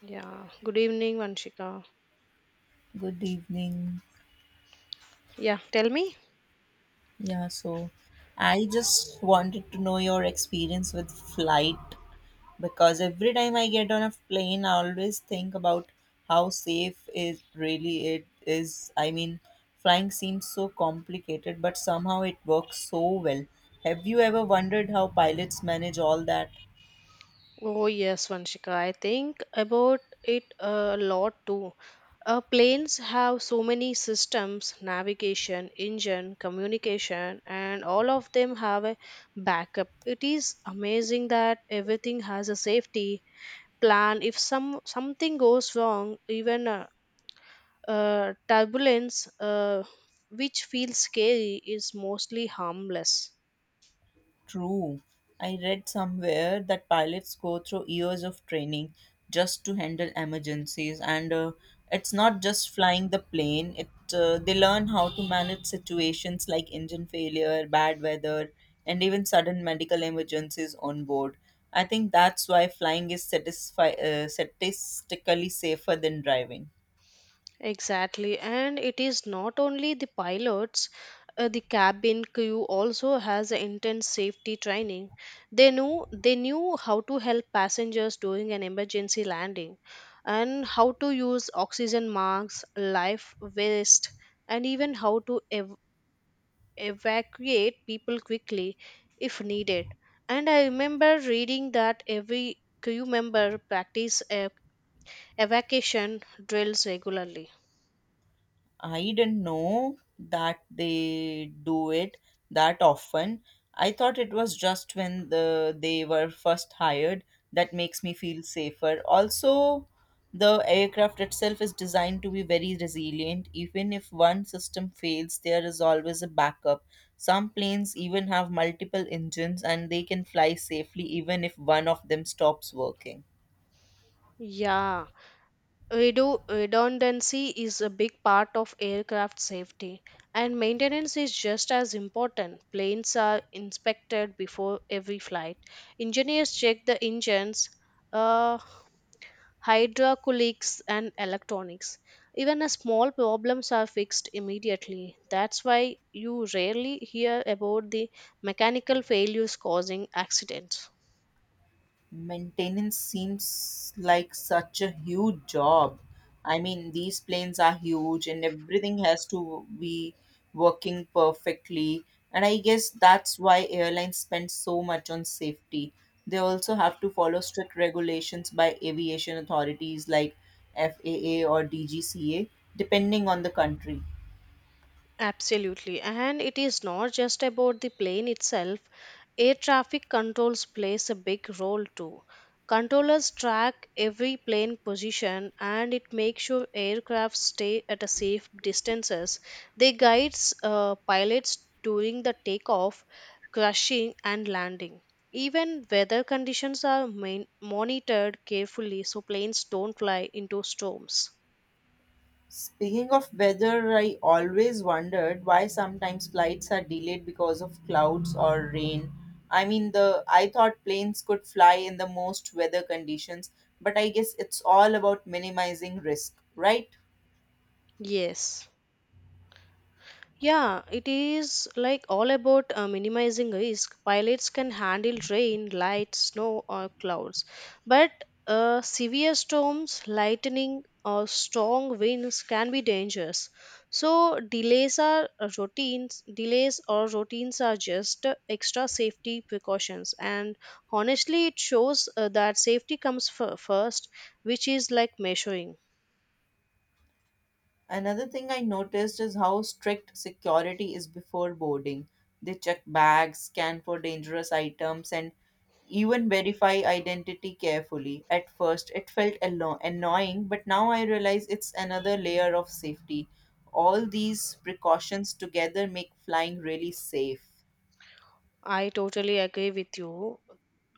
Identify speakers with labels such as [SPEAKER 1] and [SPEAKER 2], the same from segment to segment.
[SPEAKER 1] Yeah, good evening, Vanshika.
[SPEAKER 2] Good evening.
[SPEAKER 1] Yeah, tell me.
[SPEAKER 2] Yeah, so I just wanted to know your experience with flight because every time I get on a plane, I always think about how safe is really it is. I mean, flying seems so complicated, but somehow it works so well. Have you ever wondered how pilots manage all that?
[SPEAKER 1] Oh, yes, Vanshika. I think about it a lot too. Planes have so many systems navigation, engine, communication, and all of them have a backup. It is amazing that everything has a safety plan. If something goes wrong, even turbulence, which feels scary, is mostly harmless.
[SPEAKER 2] True. I read somewhere that pilots go through years of training just to handle emergencies, and it's not just flying the plane. It They learn how to manage situations like engine failure, bad weather, and even sudden medical emergencies on board. I think that's why flying is statistically safer than driving.
[SPEAKER 1] Exactly, and it is not only the pilots, the cabin crew also has a intense safety training. They knew how to help passengers during an emergency landing and how to use oxygen masks, life vest, and even how to evacuate people quickly if needed. And I remember reading that every crew member practice evacuation drills regularly.
[SPEAKER 2] I didn't know that they do it that often. I thought it was just when they were first hired that makes me feel safer. Also, the aircraft itself is designed to be very resilient. Even if one system fails, there is always a backup. Some planes even have multiple engines and they can fly safely even if one of them stops working.
[SPEAKER 1] Yeah. Redundancy is a big part of aircraft safety, and maintenance is just as important. Planes are inspected before every flight. Engineers check the engines, uh, hydraulics, and electronics. Even a small problems are fixed immediately. That's why you rarely hear about the mechanical failures causing accidents.
[SPEAKER 2] Maintenance seems like such a huge job. I mean, these planes are huge and everything has to be working perfectly. And I guess that's why airlines spend so much on safety. They also have to follow strict regulations by aviation authorities like FAA or DGCA, depending on the country.
[SPEAKER 1] Absolutely. And it is not just about the plane itself. Air traffic controls plays a big role too. Controllers track every plane position and it makes sure aircraft stay at a safe distances. They guides pilots during the takeoff, crashing and landing. Even weather conditions are monitored carefully so planes don't fly into storms.
[SPEAKER 2] Speaking of weather, I always wondered why sometimes flights are delayed because of clouds or rain. I mean, the I thought planes could fly in the most weather conditions, but I guess it's all about minimizing risk, right?
[SPEAKER 1] Yes. Yeah, it is like all about minimizing risk. Pilots can handle rain, light, snow, or clouds, but severe storms, lightning, or strong winds can be dangerous. So delays are routines. Delays or routines are just extra safety precautions, and honestly, it shows that safety comes first, which is like measuring.
[SPEAKER 2] Another thing I noticed is how strict security is before boarding. They check bags, scan for dangerous items, and even verify identity carefully. At first, it felt annoying, but now I realize it's another layer of safety. All these precautions together make flying really safe.
[SPEAKER 1] I totally agree with you.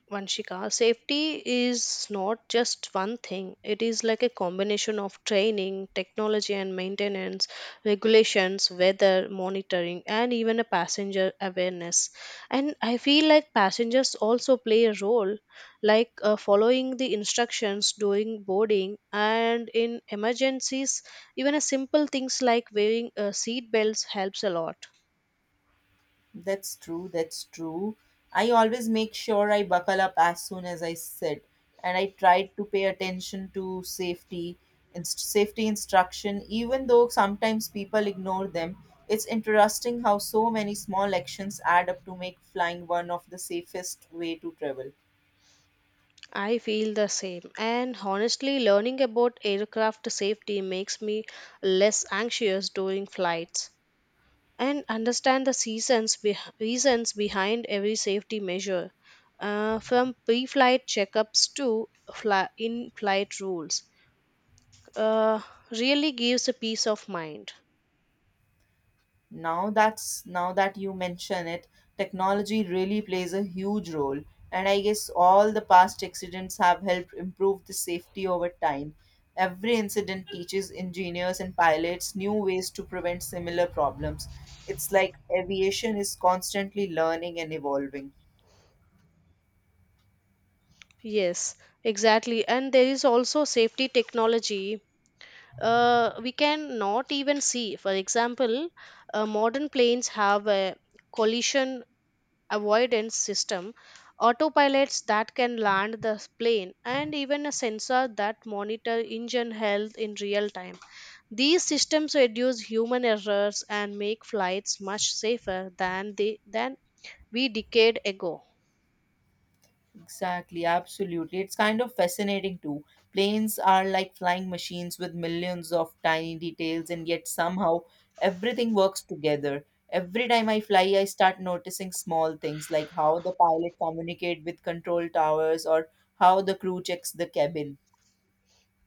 [SPEAKER 1] Vanshika, safety is not just one thing. It is like a combination of training, technology and maintenance, regulations, weather monitoring, and even a passenger awareness. And I feel like passengers also play a role, like following the instructions during boarding and in emergencies. Even a simple things like wearing seat belts helps a lot.
[SPEAKER 2] That's true. That's true. I always make sure I buckle up as soon as I sit, and I try to pay attention to safety and safety instruction, even though sometimes people ignore them. It's interesting how so many small actions add up to make flying one of the safest way to travel.
[SPEAKER 1] I feel the same. And honestly, learning about aircraft safety makes me less anxious during flights and understand the seasons reasons behind every safety measure, from pre-flight checkups to in-flight rules. Uh, Really gives a peace of mind.
[SPEAKER 2] Now that you mention it, technology really plays a huge role, and I guess all the past accidents have helped improve the safety over time. Every incident teaches engineers and pilots new ways to prevent similar problems. It's like aviation is constantly learning and evolving.
[SPEAKER 1] Yes, exactly. And there is also safety technology we can not even see. For example, modern planes have a collision avoidance system, autopilots that can land the plane, and even a sensor that monitor engine health in real time. These systems reduce human errors and make flights much safer than they than we decade ago.
[SPEAKER 2] Exactly, absolutely. It's kind of fascinating too. Planes are like flying machines with millions of tiny details, and yet somehow everything works together. Every time I fly, I start noticing small things like how the pilot communicate with control towers or how the crew checks the cabin.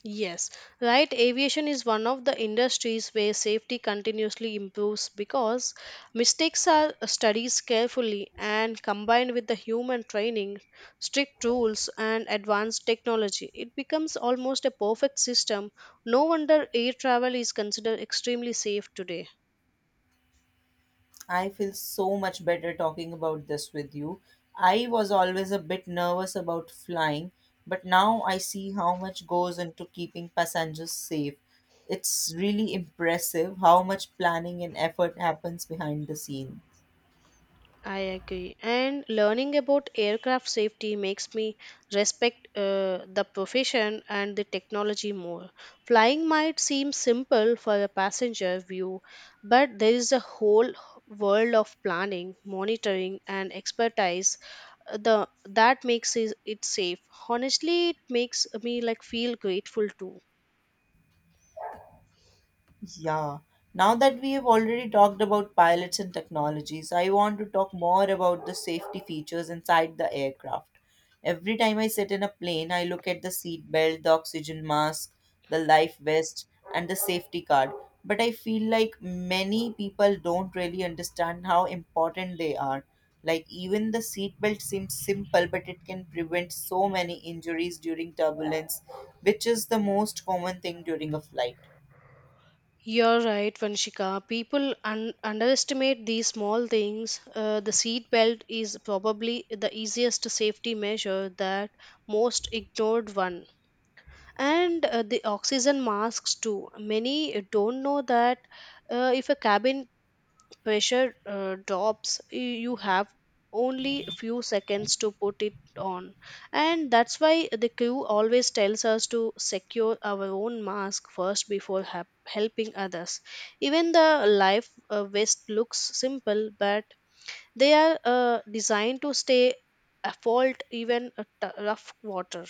[SPEAKER 1] Yes, right. Aviation is one of the industries where safety continuously improves because mistakes are studied carefully and combined with the human training, strict rules, and advanced technology. It becomes almost a perfect system. No wonder air travel is considered extremely safe today.
[SPEAKER 2] I feel so much better talking about this with you. I was always a bit nervous about flying, but now I see how much goes into keeping passengers safe. It's really impressive how much planning and effort happens behind the scenes.
[SPEAKER 1] I agree. And learning about aircraft safety makes me respect the profession and the technology more. Flying might seem simple for a passenger view, but there is a whole world of planning, monitoring, and expertise the that makes it safe. Honestly, it makes me like feel grateful too.
[SPEAKER 2] Yeah. Now that we have already talked about pilots and technologies, I want to talk more about the safety features inside the aircraft. Every time I sit in a plane, I look at the seat belt, the oxygen mask, the life vest, and the safety card. But I feel like many people don't really understand how important they are. Like, even the seat belt seems simple, but it can prevent so many injuries during turbulence, which is the most common thing during a flight.
[SPEAKER 1] You're right, Vanshika. People underestimate these small things. The seat belt is probably the easiest safety measure that most ignored one. And the oxygen masks too. Many don't know that if a cabin pressure drops you have only few seconds to put it on, and that's why the crew always tells us to secure our own mask first before helping others. Even the life vest looks simple, but they are designed to stay afloat even a rough water.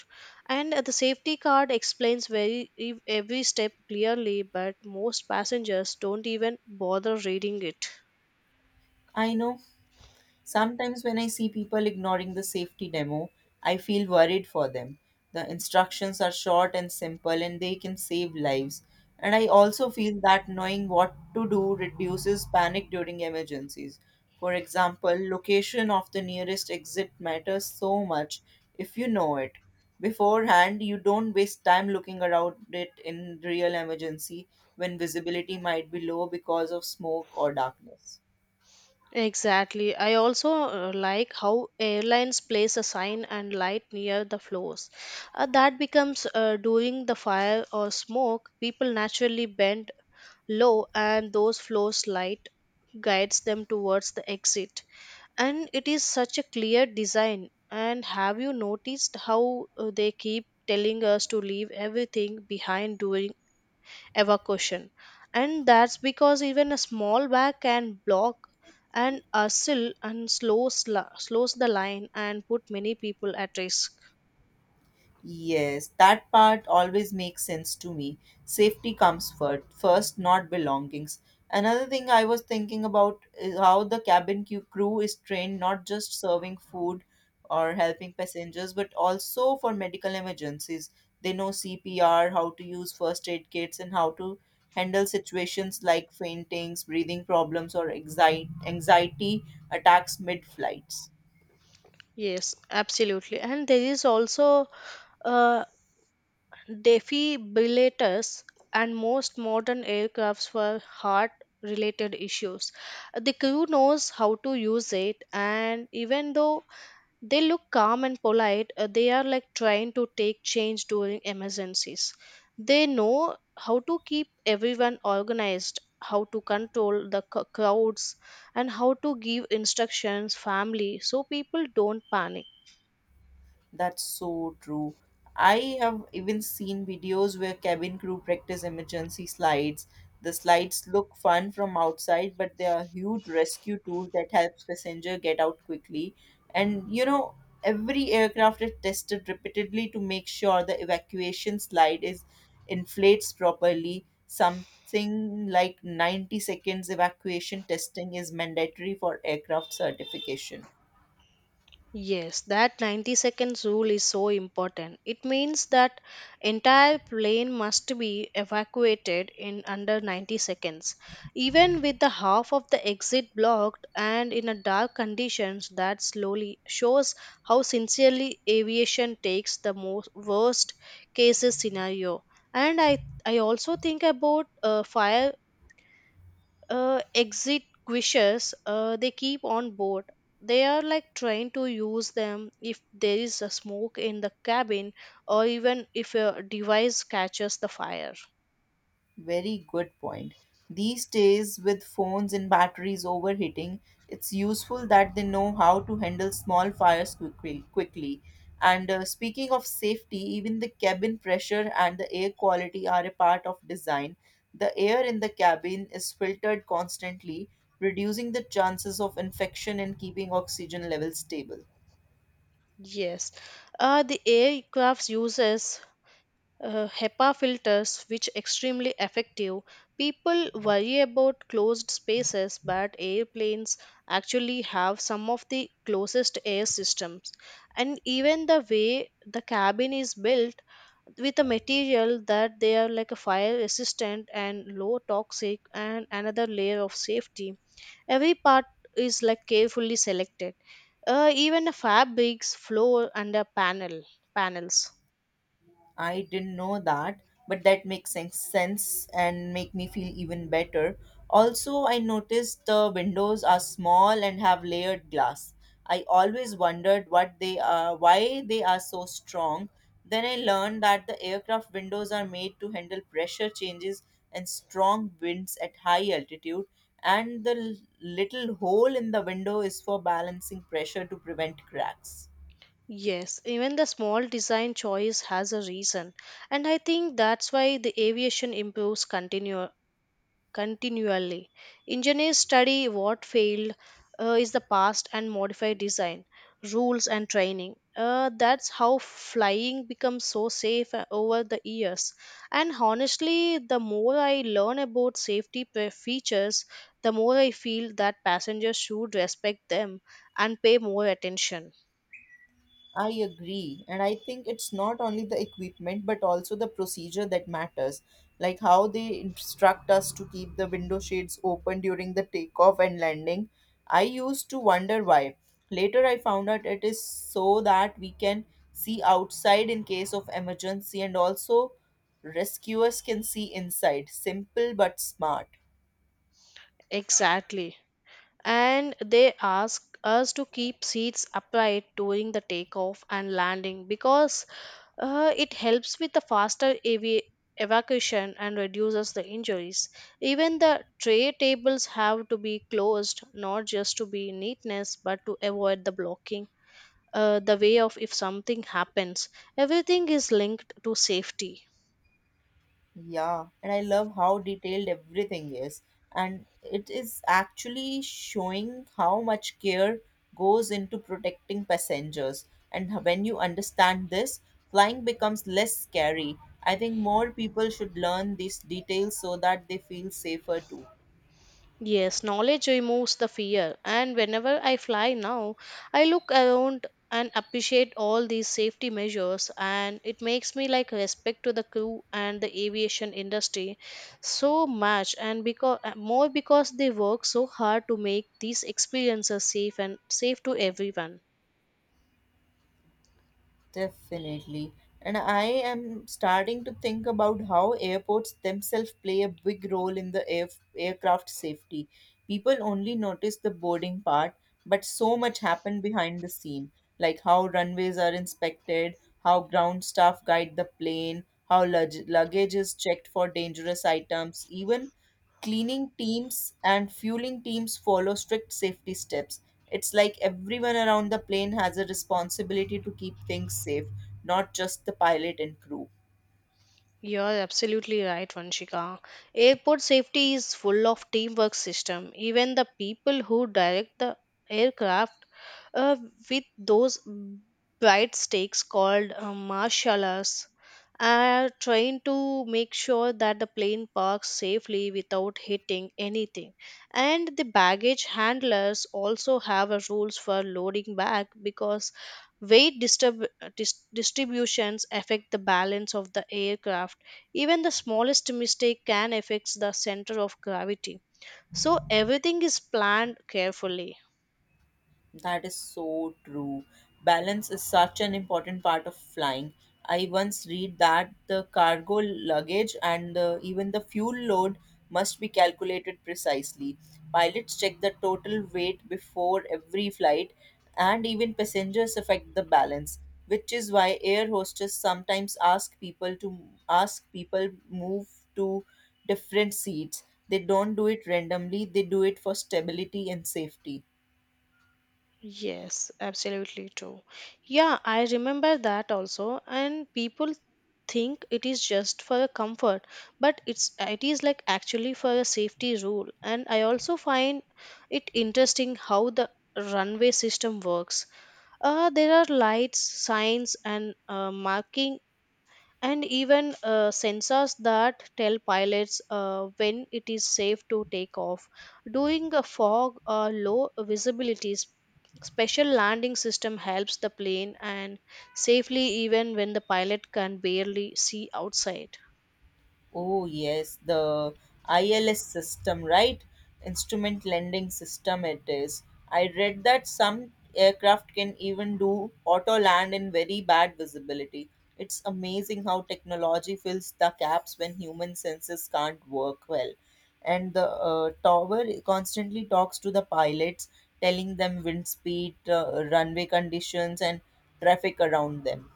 [SPEAKER 1] And the safety card explains very every step clearly, but most passengers don't even bother reading it.
[SPEAKER 2] I know. Sometimes, when I see people ignoring the safety demo, I feel worried for them. The instructions are short and simple and they can save lives. And I also feel that knowing what to do reduces panic during emergencies. For example, location of the nearest exit matters so much if you know it. Beforehand, you don't waste time looking around it in real emergency when visibility might be low because of smoke or darkness.
[SPEAKER 1] Exactly. I also like how airlines place a sign and light near the floors. That becomes during the fire or smoke, people naturally bend low and those floors light guides them towards the exit. And it is such a clear design. And have you noticed how they keep telling us to leave everything behind during evacuation? And that's because even a small bag can block an assail and slows the line and put many people at risk.
[SPEAKER 2] Yes, that part always makes sense to me. Safety comes first, not belongings. Another thing I was thinking about is how the cabin crew is trained not just serving food or helping passengers, but also for medical emergencies. They know CPR, how to use first aid kits, and how to handle situations like faintings, breathing problems, or anxiety attacks mid flights.
[SPEAKER 1] Yes, absolutely. And there is also uh, defibrillators and most modern aircrafts for heart related issues. The crew knows how to use it. And even though they look calm and polite, they are like trying to take change during emergencies. They know how to keep everyone organized, how to control the crowds, and how to give instructions family so people don't panic.
[SPEAKER 2] That's so true. I have even seen videos where cabin crew practice emergency slides. The slides look fun from outside, but they are huge rescue tools that helps passenger get out quickly. And you know, every aircraft is tested repeatedly to make sure the evacuation slide is inflates properly. Something like 90 seconds evacuation testing is mandatory for aircraft certification.
[SPEAKER 1] Yes, that 90 seconds rule is so important. It means that entire plane must be evacuated in under 90 seconds. Even with the half of the exit blocked and in a dark conditions that slowly shows how sincerely aviation takes the most worst cases scenario. And I also think about fire exit wishes they keep on board. They are like trying to use them if there is a smoke in the cabin or even if a device catches the fire.
[SPEAKER 2] Very good point. These days, with phones and batteries overheating, it's useful that they know how to handle small fires quickly. And speaking of safety, even the cabin pressure and the air quality are a part of design. The air in the cabin is filtered constantly, reducing the chances of infection and keeping oxygen levels stable.
[SPEAKER 1] Yes, the aircraft uses HEPA filters, which extremely effective. People worry about closed spaces, but airplanes actually have some of the closest air systems. And even the way the cabin is built with a material that they are like a fire resistant and low toxic and another layer of safety. Every part is like carefully selected. Even the fabrics, floor, and the panels.
[SPEAKER 2] I didn't know that, but that makes sense and make me feel even better. Also, I noticed the windows are small and have layered glass. I always wondered what they are, why they are so strong. Then I learned that the aircraft windows are made to handle pressure changes and strong winds at high altitude, and the little hole in the window is for balancing pressure to prevent cracks.
[SPEAKER 1] Yes, even the small design choice has a reason, and I think that's why the aviation improves continually. Engineers study what failed is the past and modify design, rules, and training. That's how flying becomes so safe over the years. And honestly, the more I learn about safety features, the more I feel that passengers should respect them and pay more attention.
[SPEAKER 2] I agree. And I think it's not only the equipment, but also the procedure that matters. Like how they instruct us to keep the window shades open during the takeoff and landing. I used to wonder why. Later, I found out it is so that we can see outside in case of emergency and also rescuers can see inside. Simple but smart.
[SPEAKER 1] Exactly. And they ask us to keep seats upright during the takeoff and landing because it helps with the faster evacuation and reduces the injuries. Even the tray tables have to be closed, not just to be neatness, but to avoid the blocking the way of if something happens. Everything is linked to safety.
[SPEAKER 2] Yeah, and I love how detailed everything is. And it is actually showing how much care goes into protecting passengers. And when you understand this, flying becomes less scary. I think more people should learn these details so that they feel safer too.
[SPEAKER 1] Yes, knowledge removes the fear. And whenever I fly now, I look around and appreciate all these safety measures, and it makes me like respect to the crew and the aviation industry so much, and because more because they work so hard to make these experiences safe and safe to everyone.
[SPEAKER 2] Definitely. And I am starting to think about how airports themselves play a big role in the aircraft safety. People only notice the boarding part, but so much happened behind the scene, like how runways are inspected, how ground staff guide the plane, how luggage is checked for dangerous items, even cleaning teams and fueling teams follow strict safety steps. It's like everyone around the plane has a responsibility to keep things safe, not just the pilot and crew.
[SPEAKER 1] You're absolutely right, Vanshika. Airport safety is full of teamwork system. Even the people who direct the aircraft uh, with those bright stakes called martial arts are trying to make sure that the plane parks safely without hitting anything. And the baggage handlers also have a rules for loading bag because weight disturb distributions affect the balance of the aircraft. Even the smallest mistake can affect the center of gravity. So everything is planned carefully.
[SPEAKER 2] That is so true. Balance is such an important part of flying. I once read that the cargo luggage and even the fuel load must be calculated precisely. Pilots check the total weight before every flight, and even passengers affect the balance, which is why air hostess sometimes ask people move to different seats. They don't do it randomly, they do it for stability and safety.
[SPEAKER 1] Yes, absolutely true. Yeah, I remember that also. And people think it is just for a comfort, but it is like actually for a safety rule. And I also find it interesting how the runway system works. There are lights, signs, and marking and even sensors that tell pilots when it is safe to take off. During a fog or low visibility, special landing system helps the plane and safely even when the pilot can barely see outside.
[SPEAKER 2] Oh, yes, the ILS system, right? Instrument lending system, it is. I read that some aircraft can even do auto land in very bad visibility. It's amazing how technology fills the gaps when human senses can't work well. And the tower constantly talks to the pilots, telling them wind speed, runway conditions, and traffic around them.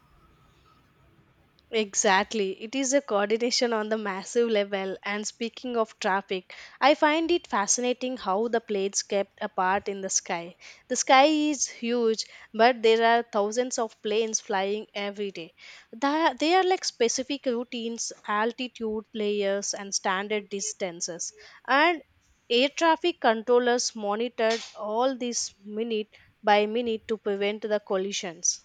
[SPEAKER 1] Exactly. It is a coordination on the massive level. And speaking of traffic, I find it fascinating how the plates kept apart in the sky. The sky is huge, but there are thousands of planes flying every day. They are like specific routines, altitude layers, and standard distances. And air traffic controllers monitored all this minute by minute to prevent the collisions.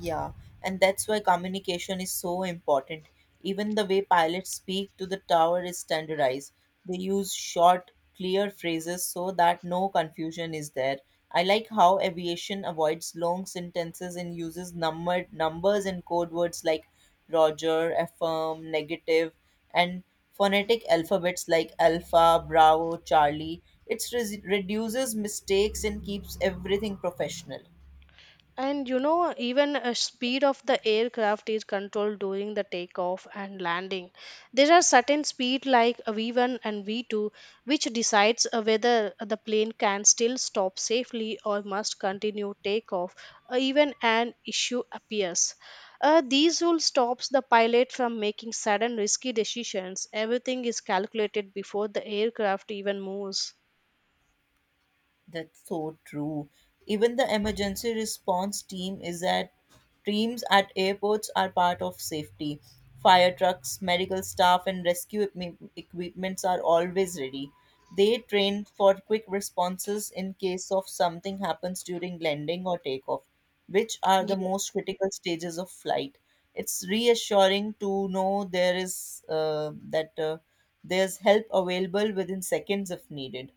[SPEAKER 2] Yeah, and that's why communication is so important. Even the way pilots speak to the tower is standardized. They use short, clear phrases so that no confusion is there. I like how aviation avoids long sentences and uses numbered numbers and code words like Roger, affirm, negative, and phonetic alphabets like Alpha, Bravo, Charlie. It reduces mistakes and keeps everything professional.
[SPEAKER 1] And you know, even a speed of the aircraft is controlled during the takeoff and landing. There are certain speed like a V1 and V2, which decides whether the plane can still stop safely or must continue takeoff even an issue appears. These rules stops the pilot from making sudden risky decisions. Everything is calculated before the aircraft even moves.
[SPEAKER 2] That's so true. Even the emergency response team is at teams at airports are part of safety. Fire trucks, medical staff, and rescue equipments are always ready. They train for quick responses in case of something happens during landing or takeoff, which are the most critical stages of flight. It's reassuring to know there is that there's help available within seconds if needed.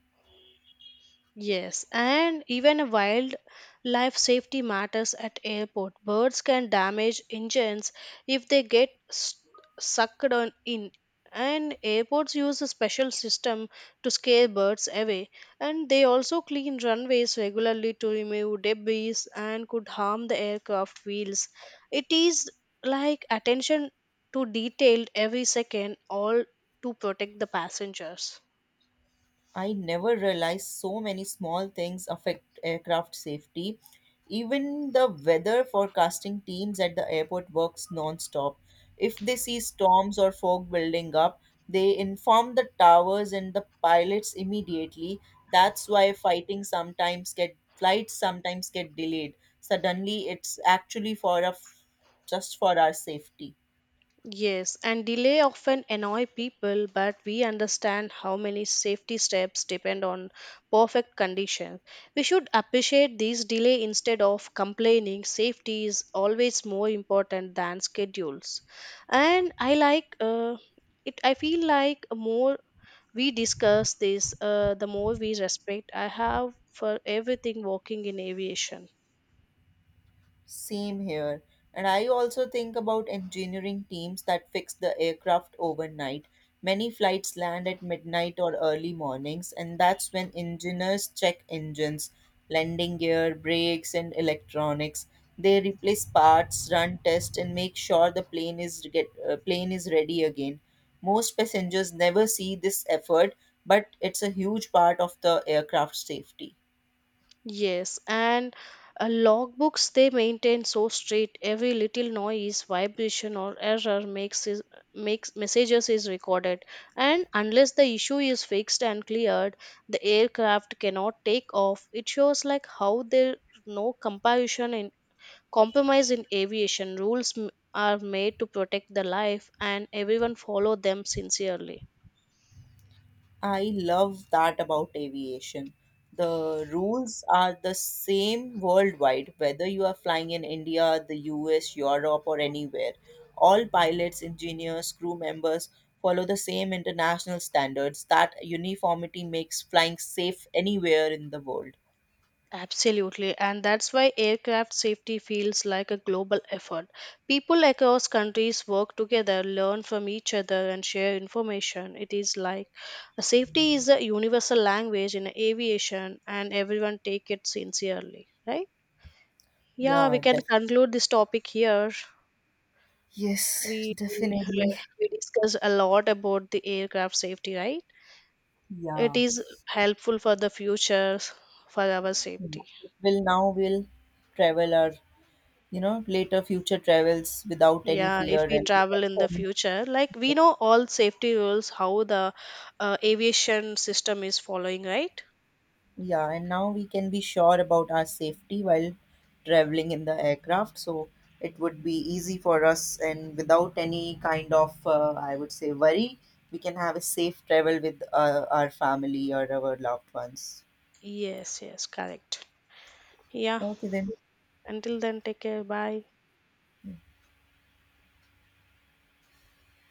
[SPEAKER 1] Yes, and even wildlife safety matters at airport. Birds can damage engines if they get sucked on in, and airports use a special system to scare birds away. And they also clean runways regularly to remove debris and could harm the aircraft wheels. It is like attention to detail every second, all to protect the passengers.
[SPEAKER 2] I never realized so many small things affect aircraft safety. Even the weather forecasting teams at the airport works non-stop. If they see storms or fog building up, they inform the towers and the pilots immediately. That's why fighting sometimes get flights sometimes get delayed. Suddenly it's actually for a just for our safety.
[SPEAKER 1] Yes, and delay often annoy people, but we understand how many safety steps depend on perfect conditions. We should appreciate these delay instead of complaining. Safety is always more important than schedules. And I like it. I feel like more we discuss this, the more we respect I have for everything working in aviation.
[SPEAKER 2] Same here. And I also think about engineering teams that fix the aircraft overnight. Many flights land at midnight or early mornings, and that's when engineers check engines, landing gear, brakes, and electronics. They replace parts, run tests, and make sure the plane is ready again. Most passengers never see this effort, but it's a huge part of the aircraft safety.
[SPEAKER 1] Yes, and logbooks they maintain so strict. Every little noise, vibration, or error makes messages is recorded. And unless the issue is fixed and cleared, the aircraft cannot take off. It shows like how there no comparison in compromise in aviation are made to protect the life, and everyone follow them sincerely.
[SPEAKER 2] I love that about aviation. The rules are the same worldwide, whether you are flying in India, the US, Europe, or anywhere. All pilots, engineers, crew members follow the same international standards. That uniformity makes flying safe anywhere in the world.
[SPEAKER 1] Absolutely, and that's why aircraft safety feels like a global effort. People across countries work together, learn from each other, and share information. It is like a safety is a universal language in aviation, and everyone take it sincerely, right? Yeah,
[SPEAKER 2] Yeah,
[SPEAKER 1] we can
[SPEAKER 2] definitely.
[SPEAKER 1] conclude this topic here.
[SPEAKER 2] Yes,
[SPEAKER 1] We we
[SPEAKER 2] definitely.
[SPEAKER 1] we discussed a lot about the aircraft safety, right? It
[SPEAKER 2] Yeah.
[SPEAKER 1] is helpful for the future for our safety.
[SPEAKER 2] Will travel our, you know, later future travels without any
[SPEAKER 1] Yeah,
[SPEAKER 2] fear
[SPEAKER 1] if we
[SPEAKER 2] and
[SPEAKER 1] travel in
[SPEAKER 2] without
[SPEAKER 1] the
[SPEAKER 2] any.
[SPEAKER 1] future, like we know all safety rules, how the aviation system is following, right?
[SPEAKER 2] Yeah, and now we can be sure about our safety while traveling in the aircraft. So it would be easy for us, and without any kind of, I would say, worry, we can have a safe travel with our family or our loved ones.
[SPEAKER 1] Yes, yes, correct. Yeah,
[SPEAKER 2] Okay, then.
[SPEAKER 1] until then, take care. Bye.